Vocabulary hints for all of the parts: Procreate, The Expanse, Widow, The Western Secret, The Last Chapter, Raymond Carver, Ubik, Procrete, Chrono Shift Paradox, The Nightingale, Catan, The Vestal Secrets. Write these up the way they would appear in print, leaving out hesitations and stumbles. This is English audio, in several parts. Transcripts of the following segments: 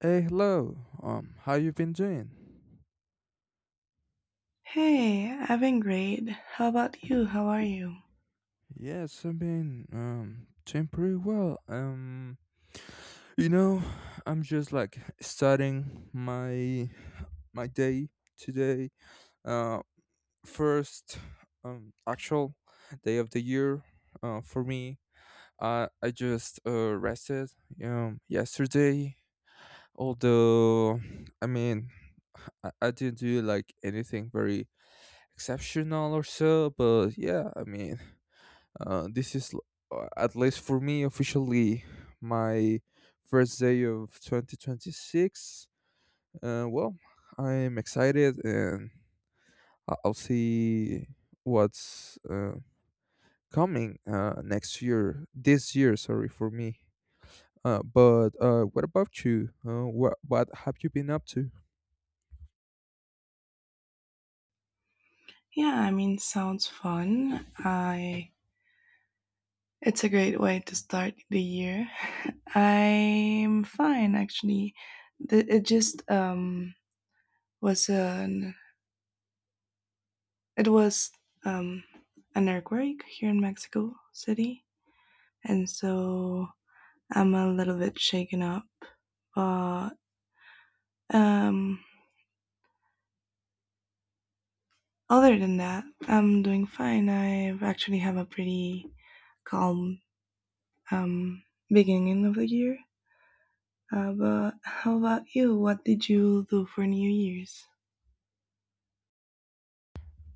Hey, hello. How you been doing? Hey, I've been great. How about you? How are you? Yes, I've been doing pretty well. You know, I'm just like starting my day today. Uh, First actual day of the year. For me, I just rested yesterday. Although, I mean, I didn't do like anything very exceptional or so, but yeah, I mean. Uh, this is, at least for me, officially my first day of 2026. Well, I'm excited and I'll see what's coming next year, this year, sorry, for me. But What about you? What have you been up to? Yeah, I mean, sounds fun. I it's a great way to start the year. I'm fine actually. It just was an it was um an earthquake here in Mexico City, and so I'm a little bit shaken up. But um, other than that, I'm doing fine. I've actually have a pretty calm um, beginning of the year. But how about you? What did you do for New Year's?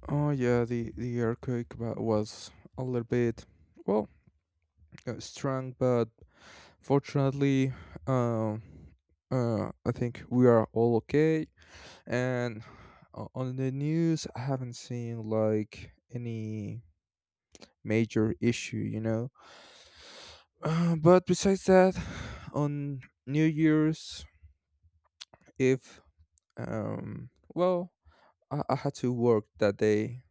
Oh yeah, the earthquake was a little bit well strong, but fortunately, uh, I think we are all okay. And on the news, I haven't seen like any major issue, you know. But besides that, on New Year's Eve, um, well, I had to work that day.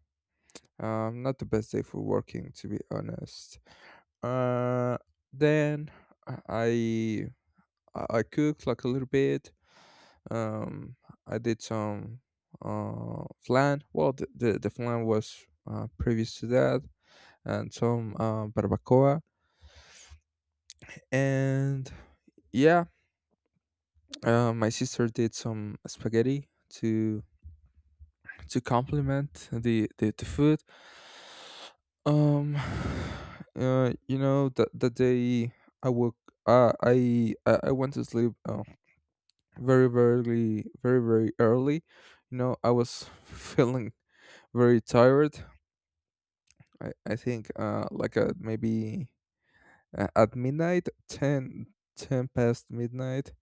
Not the best day for working, to be honest. Uh, then I I cooked like a little bit. Um, I did some flan. Well, the flan was previous to that, and some barbacoa. And yeah, my sister did some spaghetti to complement the food. Um, you know that that day I woke. I went to sleep very very early. You know I was feeling very tired. I think like at maybe at midnight 10 10 past midnight.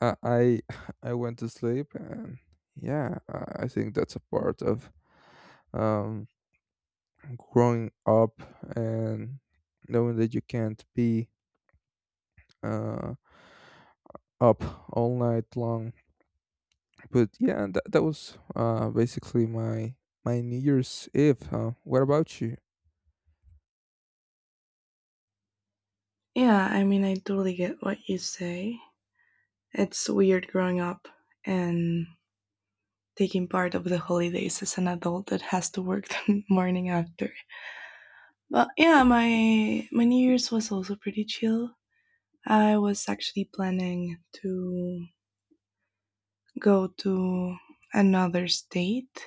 I I went to sleep, and yeah, I think that's a part of um growing up and knowing that you can't be uh up all night long. But yeah, that was basically my New Year's Eve. What about you? Yeah, I mean, I totally get what you say. It's weird growing up and taking part of the holidays as an adult that has to work the morning after. But yeah, my New Year's was also pretty chill. I was actually planning to go to another state,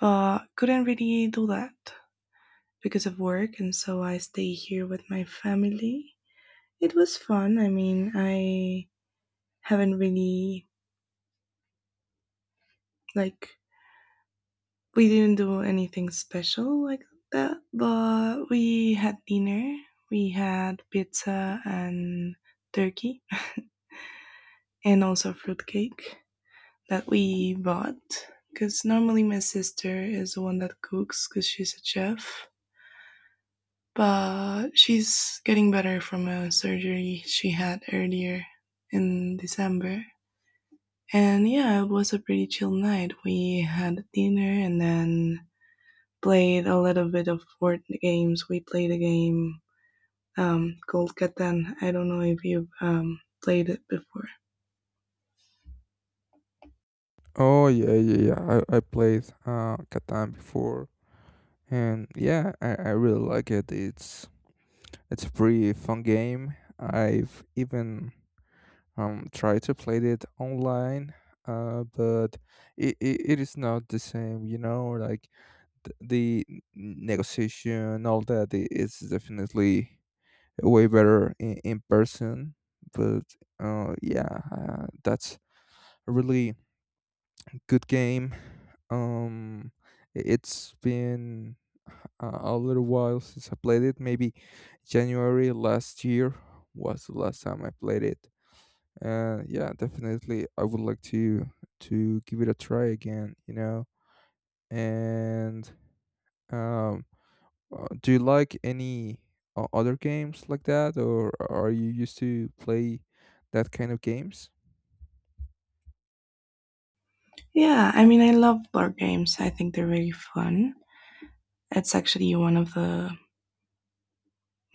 but couldn't really do that because of work, and so I stay here with my family. It was fun. I mean, I haven't really like we didn't do anything special like that, but we had dinner. We had pizza and turkey and also fruitcake that we bought, because normally my sister is the one that cooks because she's a chef, but she's getting better from a surgery she had earlier in December. And yeah, it was a pretty chill night. We had dinner and then played a little bit of board games. We played a game called Catan. I don't know if you've played it before. Oh yeah, I played Catan before. And yeah, I really like it. It's a pretty fun game. I've even tried to play it online, but it is not the same, you know, like negotiation, all that is definitely way better in person. But yeah, that's a really good game. Um, it's been a little while since I played it. Maybe January last year was the last time I played it. Yeah, definitely, I would like to give it a try again. You know, and um, do you like any other games like that, or are you used to play that kind of games? Yeah, I mean, I love board games. I think they're really fun. It's actually one of the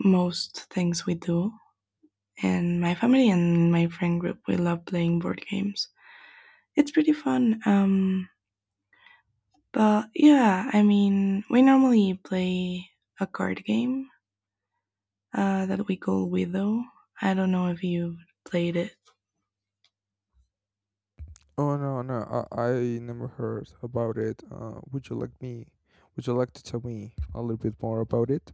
most things we do and my family and my friend group. We love playing board games. It's pretty fun. But yeah, I mean, we normally play a card game that we call Widow. I don't know if you've played it. Oh no, I never heard about it. Would you like me? Would you like to tell me a little bit more about it?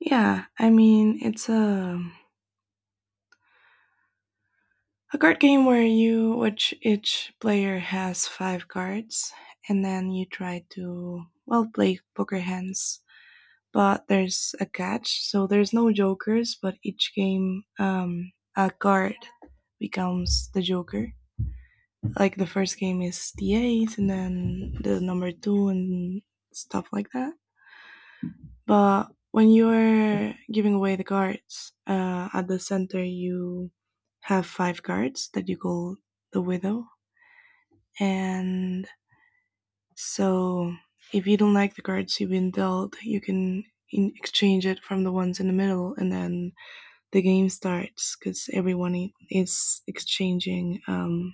Yeah, I mean, it's a card game where you which each player has five cards, and then you try to well play poker hands. But there's a catch, so there's no jokers. But each game, a card becomes the joker. Like the first game is the eight, and then the number two, and stuff like that. But when you're giving away the cards at the center, you have five cards that you call the widow, and so if you don't like the cards you've been dealt, you can in- exchange it from the ones in the middle, and then the game starts because everyone is exchanging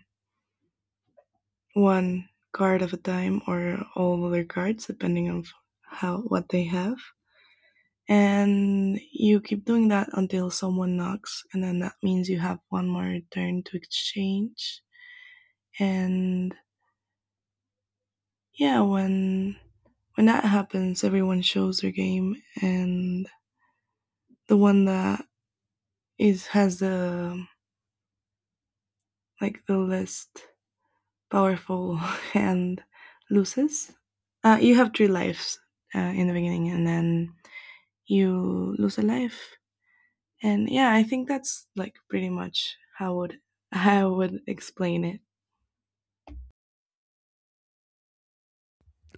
one card at a time or all other cards depending on how what they have, and you keep doing that until someone knocks, and then that means you have one more turn to exchange. And yeah, when that happens, everyone shows their game, and the one that is has the like the least powerful hand loses. You have three lives in the beginning, and then you lose a life. And yeah, I think that's like pretty much how would how I would explain it.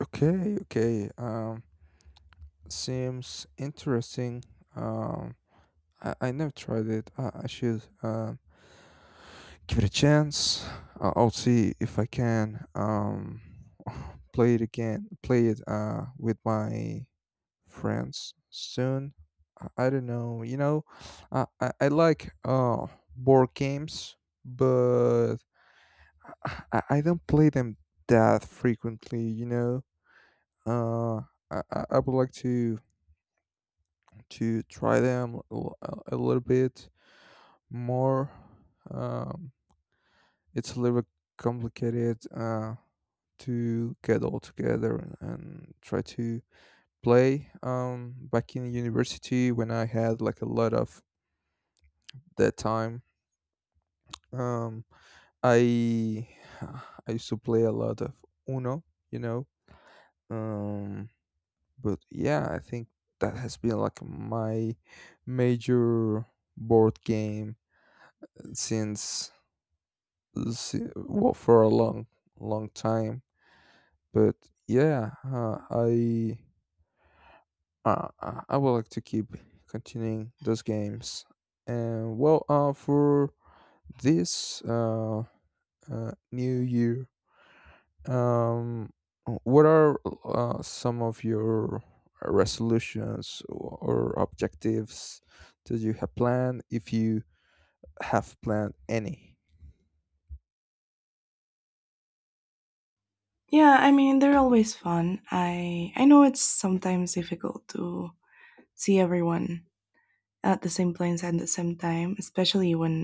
Okay, okay. Seems interesting. Um, I never tried it. I should give it a chance. I'll see if I can play it again. Play it with my friends soon. I don't know. You know, I like board games, but I don't play them that frequently. You know. Uh, I would like to try them a little bit more. um, it's a little bit complicated to get all together and try to play. Back in university, when I had like a lot of that time, um, I I used to play a lot of Uno, you know. um, but yeah, I think that has been like my major board game since, well, for a long time. But yeah, I would like to keep continuing those games. And well, for this new year, um, what are some of your resolutions or objectives that you have planned, if you have planned any? Yeah, I mean they're always fun. I know it's sometimes difficult to see everyone at the same place at the same time, especially when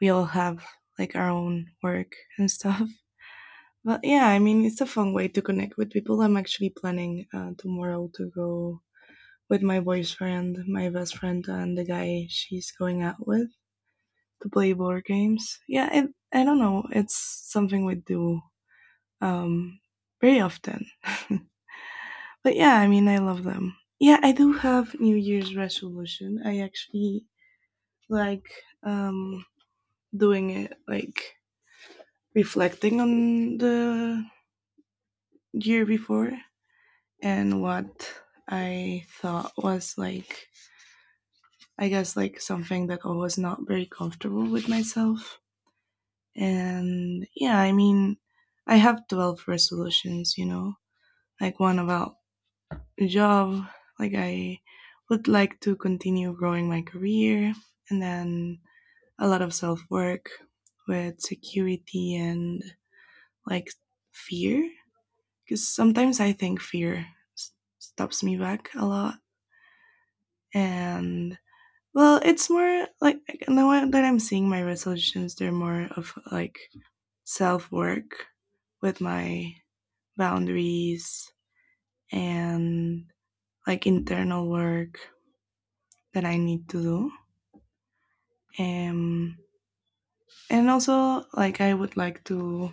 we all have like our own work and stuff. But yeah, I mean it's a fun way to connect with people. I'm actually planning tomorrow to go with my boyfriend, my best friend, and the guy she's going out with to play board games. Yeah, it, I don't know. It's something we do um, very often. But yeah, I mean, I love them. Yeah, I do have New Year's resolution. I actually like um, doing it, like reflecting on the year before and what I thought was like, I guess, like something that I was not very comfortable with myself. And yeah, I mean, I have 12 resolutions, you know, like one about a job, like I would like to continue growing my career, and then a lot of self work with security and like fear. Because sometimes I think fear s- stops me back a lot. And well, it's more like now that I'm seeing my resolutions, they're more of like self work with my boundaries and like internal work that I need to do. Um, and also, like, I would like to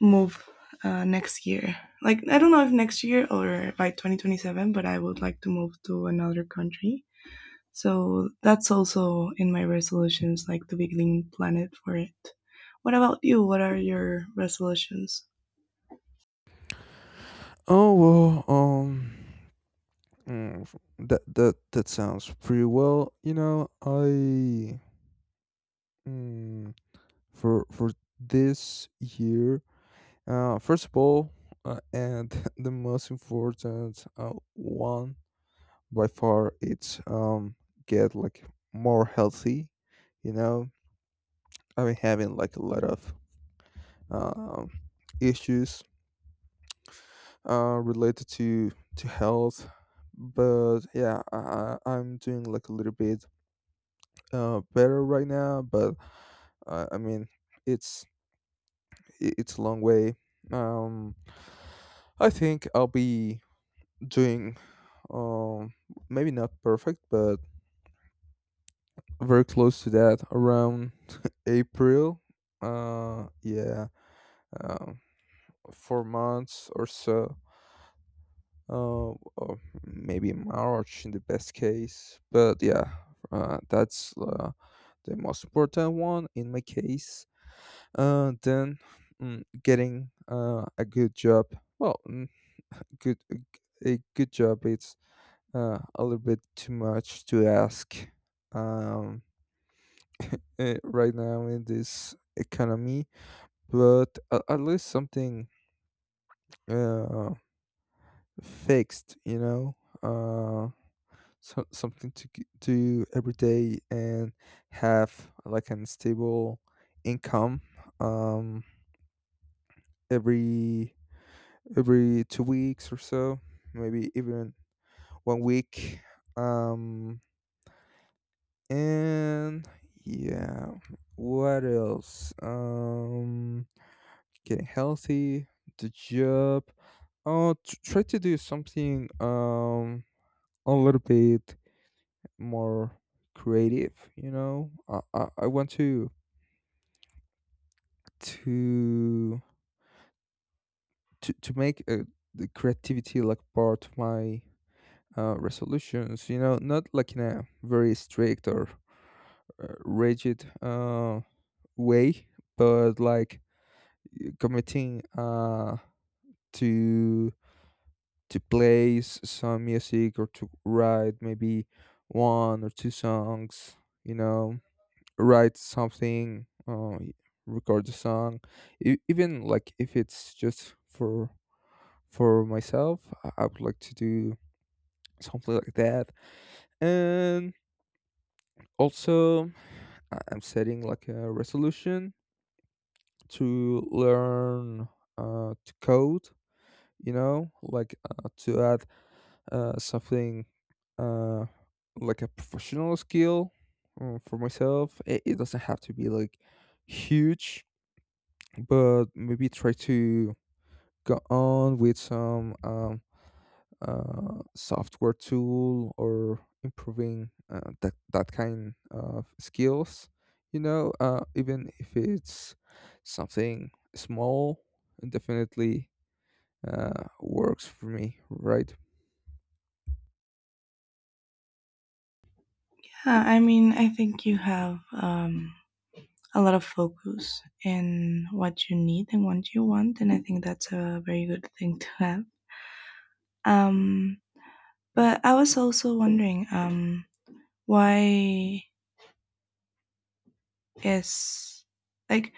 move next year. Like, I don't know if next year or by 2027, but I would like to move to another country. So that's also in my resolutions, like to be green planet for it. What about you? What are your resolutions? Oh well, mm, that sounds pretty well. You know, I Mm, for this year, first of all, and the most important one by far, it's get like more healthy. You know, I've been having like a lot of um issues related to health, but yeah, I'm doing like a little bit better right now. But I mean, it's it's a long way. Um, I think I'll be doing um maybe not perfect, but very close to that around April. Yeah, um, 4 months or so. Or maybe March in the best case. But yeah, that's the most important one in my case. Then getting a good job. Well, mm, good a good job. It's a little bit too much to ask, um, right now in this economy, but at least something uh, fixed, you know, uh, so, something to do every day and have like an stable income, um, every every 2 weeks or so, maybe even one week. Um, And Yeah, what else? Getting healthy, the job. Oh, try to do something a little bit more creative. You know, I want to to to make the creativity like part of my resolutions. You know, not like in a very strict or rigid way, but like committing to play some music, or to write maybe one or two songs, you know, write something record a song. E- even like if it's just for myself, I would like to do something like that. And also, I'm setting like a resolution to learn to code, you know, like to add something uh, like a professional skill for myself. It doesn't have to be like huge, but maybe try to go on with some software tool or improving that kind of skills. You know, even if it's something small, it definitely works for me, right? Yeah, I mean, I think you have a lot of focus in what you need and what you want, and I think that's a very good thing to have. Um, but I was also wondering, why is like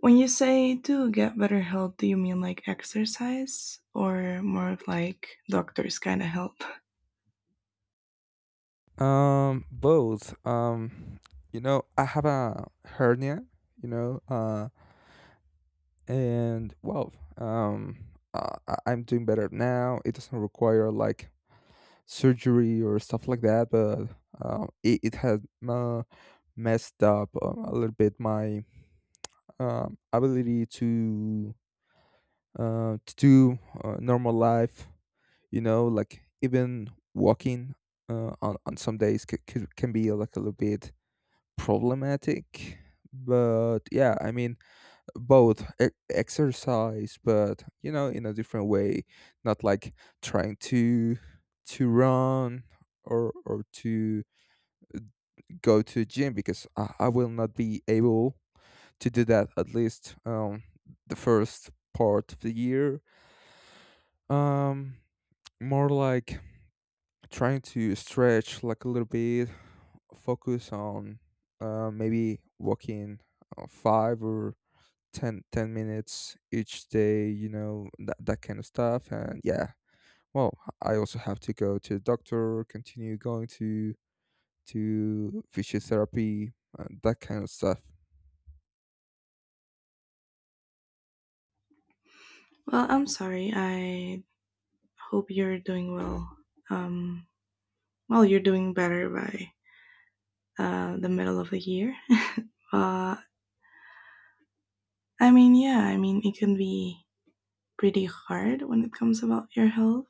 when you say to get better health, do you mean like exercise or more of like doctors kind of help? Both. You know, I have a hernia. You know, and well, um, I'm doing better now. It doesn't require like surgery or stuff like that, but it has uh, messed up a little bit my ability to do normal life. You know, like even walking on some days can be like a little bit problematic. But yeah, I mean, both, exercise, but you know, in a different way, not like trying to run, or to go to gym, because I will not be able to do that, at least the first part of the year. Um, more like trying to stretch like a little bit, focus on maybe walking five or ten minutes each day, you know, that kind of stuff. And yeah, well, I also have to go to the doctor, continue going to physiotherapy, and that kind of stuff. Well, I'm sorry. I hope you're doing well. Um, well, you're doing better by the middle of the year. Uh, I mean, yeah, I mean, it can be pretty hard when it comes about your health.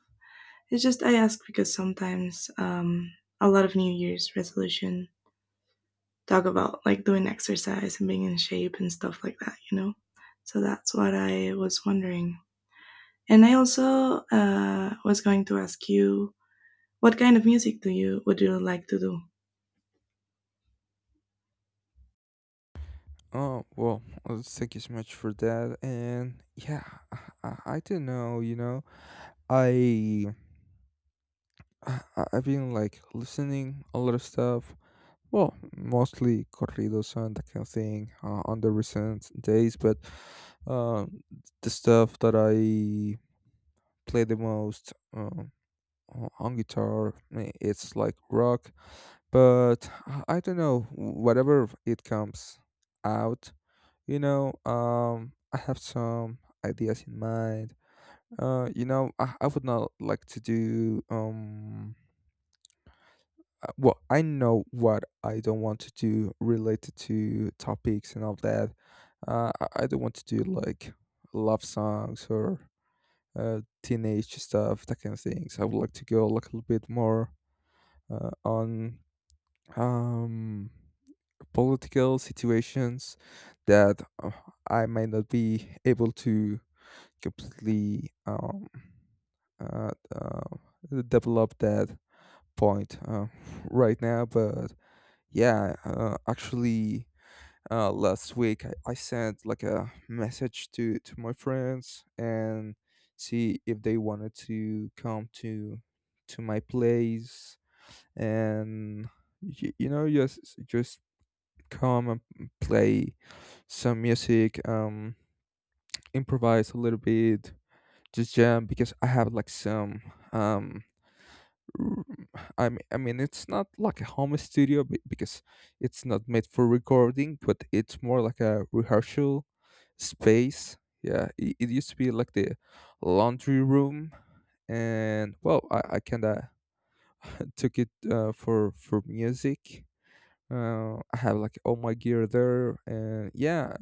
It's just I ask because sometimes a lot of New Year's resolution talk about like doing exercise and being in shape and stuff like that, you know. So that's what I was wondering. And I also was going to ask you what kind of music do you would you like to do? Oh, well, thank you so much for that. And yeah, I don't know, you know, I, I, I've been like listening a lot of stuff. Well, mostly corridos and that kind of thing on the recent days, but uh, the stuff that I play the most, on guitar, it's like rock. But I don't know, whatever it comes out, you know. I have some ideas in mind. You know, I would not like to do Well, I know what I don't want to do related to topics and all that. I don't want to do like love songs or teenage stuff, that kind of things. I would like to go like a little bit more on um, political situations that I might not be able to completely uh, uh, develop that point right now. But yeah, actually last week, I sent like a message to my friends and see if they wanted to come to my place, and you know, just just come and play some music, improvise a little bit, just jam, because I have like some um r- I mean, it's not like a home studio, because it's not made for recording, but it's more like a rehearsal space. Yeah, it used to be like the laundry room, and well, I kind of took it for music. I have like all my gear there, and yeah,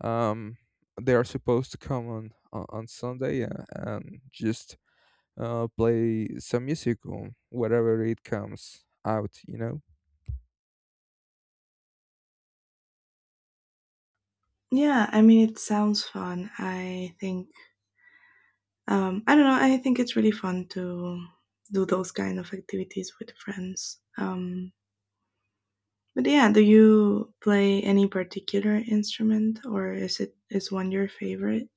um, they are supposed to come on Sunday, and just play some music on whatever it comes out, you know? Yeah, I mean it sounds fun. I think I don't know. I think it's really fun to do those kind of activities with friends. But yeah, do you play any particular instrument, or is it is one your favorite?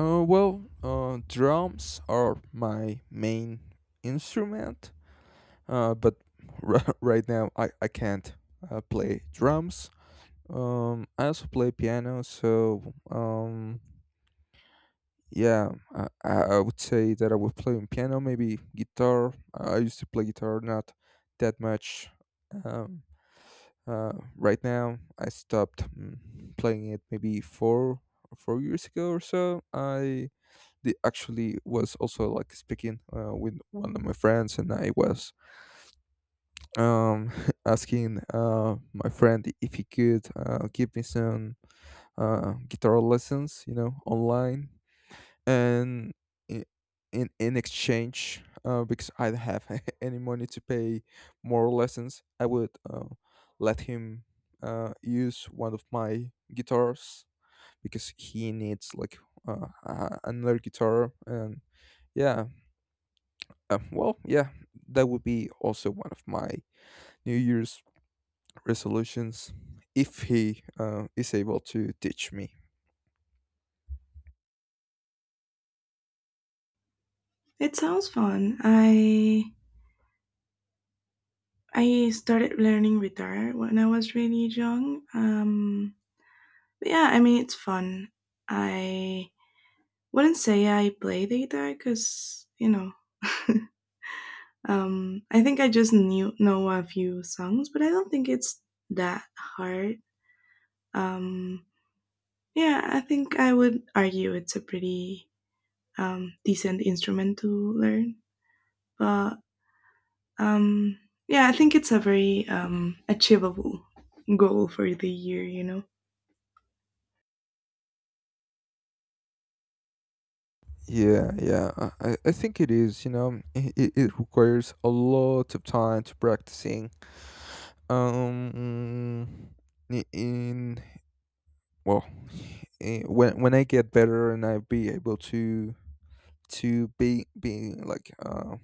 Well, drums are my main instrument, but right now, I can't play drums. I also play piano, so yeah, I would say that I would play on piano, maybe guitar. I used to play guitar, not that much. Um, right now, I stopped playing it maybe four years ago. Or so. Actually, was also like speaking with one of my friends, and I was um, asking my friend if he could give me some guitar lessons, you know, online and in, in exchange, because I don't have any money to pay more lessons. I would let him use one of my guitars, because he needs like another guitar. And yeah, well, yeah, that would be also one of my new year's resolutions, if he is able to teach me. It sounds fun. I started learning guitar when I was really young. But yeah, I mean it's fun. I wouldn't say I play the guitar because you know I think I just knew know a few songs, but I don't think it's that hard. Um, yeah, I think I would argue it's a pretty decent instrument to learn, but um, yeah, I think it's a very achievable goal for the year. You know. Yeah, yeah, I think it is. You know, it requires a lot of time to practicing. Um, i- in well, when I get better and I be able to be being like,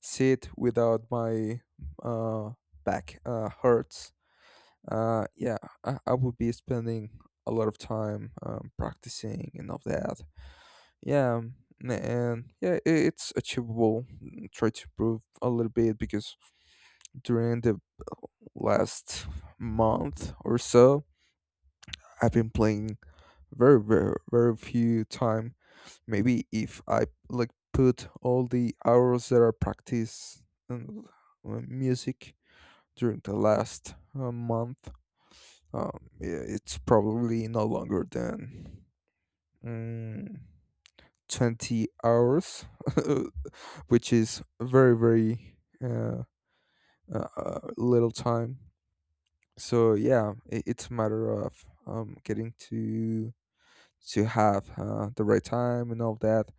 sit without my uh back hurts. Yeah, I would be spending a lot of time practicing and all that. Yeah, and yeah, it's achievable. Try to improve a little bit, because during the last month or so, I've been playing very, very, very few time. Maybe if I like put all the hours that I practice um, music during the last month, yeah, it's probably no longer than mm, 20 hours. Which is very, very uh, little time. So yeah, it's a matter of getting to have the right time and all that.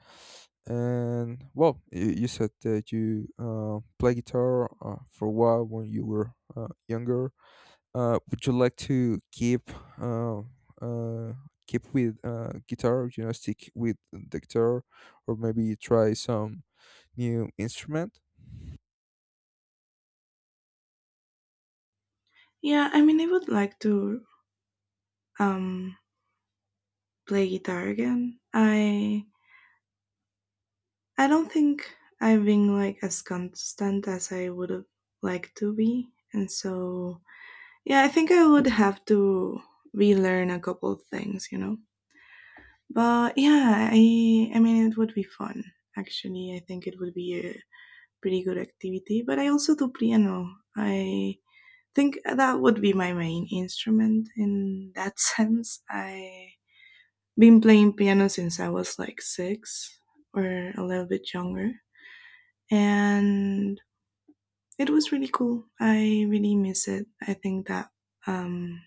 And well, you said that you play guitar for a while when you were younger. Would you like to keep uh, uh, keep with guitar? You know, stick with the guitar, or maybe try some new instrument? Yeah, I mean, I would like to um play guitar again. I don't think I've been like as constant as I would have liked to be, and so yeah, I think I would have to relearn a couple of things, you know. But yeah, I mean, it would be fun. Actually, I think it would be a pretty good activity. But I also do piano. I think that would be my main instrument in that sense. I been playing piano since I was like six or a little bit younger. And it was really cool. I really miss it. I think that um,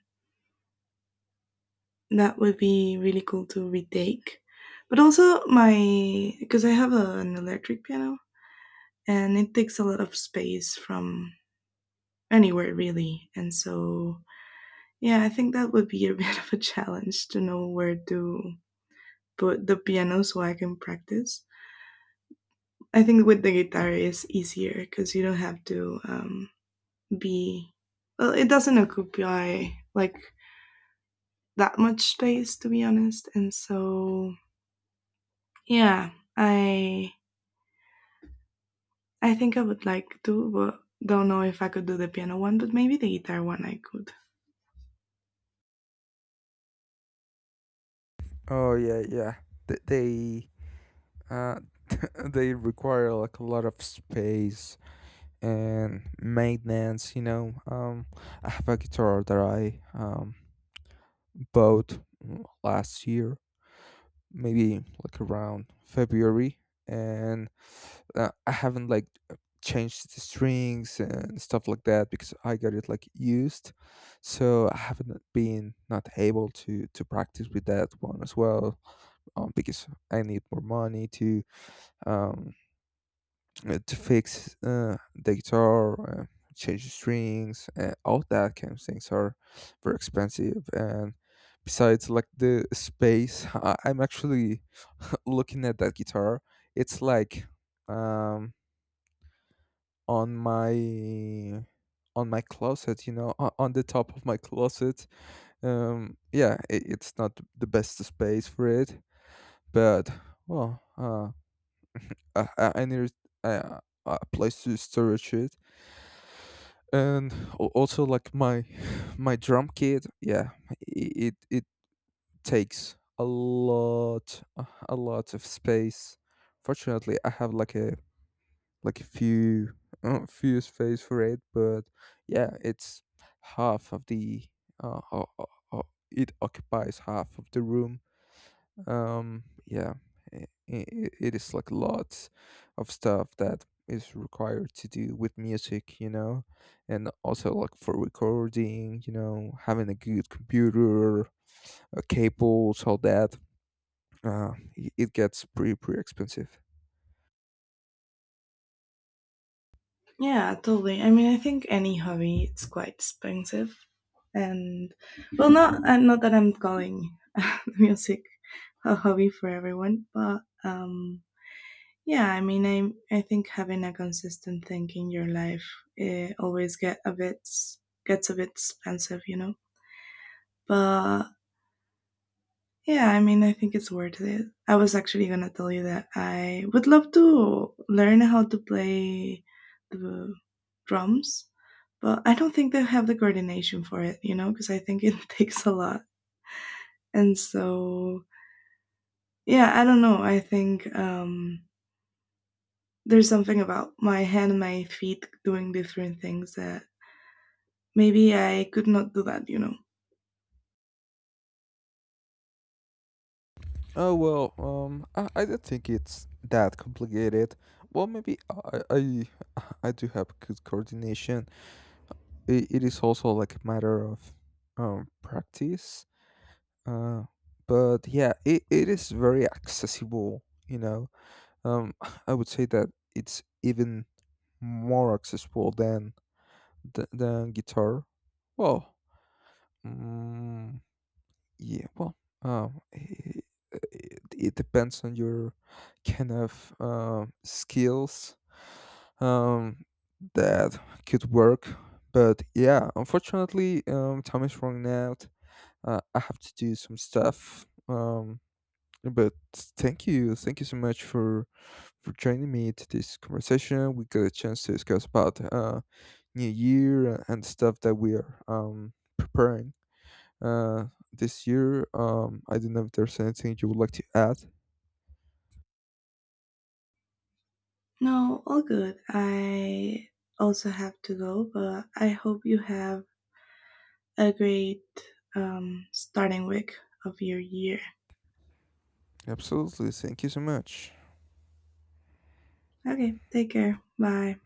that would be really cool to retake. But also, my because I have a, an electric piano and it takes a lot of space from anywhere really. And so, yeah, I think that would be a bit of a challenge to know where to put the piano so I can practice. I think with the guitar is easier because you don't have to be. Well, it doesn't occupy like that much space, to be honest. And so, yeah, I I think I would like to, but don't know if I could do the piano one, but maybe the guitar one I could. Oh yeah, yeah. They uh, they require like a lot of space and maintenance. You know, I have a guitar that I bought last year, maybe like around February, and I haven't like changed the strings and stuff like that, because I got it like used, so I haven't been not able to practice with that one as well, because I need more money um, to fix the guitar, change the strings, and all that kind of things are very expensive. And besides, like the space, I'm actually looking at that guitar. It's like, um, on my closet, you know, on the top of my closet. Yeah, it's not the best space for it, but well, I need a, a place to storage it, and also like my my drum kit. Yeah, it takes a lot of space. Fortunately, I have like a few few space for it, but yeah, it's half of the uh, uh uh it occupies half of the room. Yeah, i it is like lots of stuff that is required to do with music, you know. And also like for recording, you know, having a good computer, cables, all that. uh it gets pretty expensive. Yeah, totally. I mean, I think any hobby it's quite expensive, and well, not not that I'm calling music a hobby for everyone, but yeah, I mean, I think having a consistent thing in your life eh, always get a bit s- gets a bit expensive, you know. But yeah, I mean, I think it's worth it. I was actually gonna tell you that I would love to learn how to play the drums, but I don't think they have the coordination for it, you know, because I think it takes a lot. And so yeah, I don't know. I think there's something about my hand, and my feet doing different things that maybe I could not do that, you know. Oh, well, I don't think it's that complicated. Well, maybe i I do have good coordination. It is also like a matter of practice. Uh, but yeah, it is very accessible, you know. Um, I would say that it's even more accessible than than guitar. Well, mm, yeah, well, um, it, it depends on your kind of skills um, that could work. But yeah, unfortunately, time is running out. I have to do some stuff. But thank you so much for joining me to this conversation. We got a chance to discuss about New Year and stuff that we are preparing uh, this year. I don't know if there's anything you would like to add. No, all good. I also have to go, but I hope you have a great starting week of your year. Absolutely, thank you so much. Okay, take care. Bye.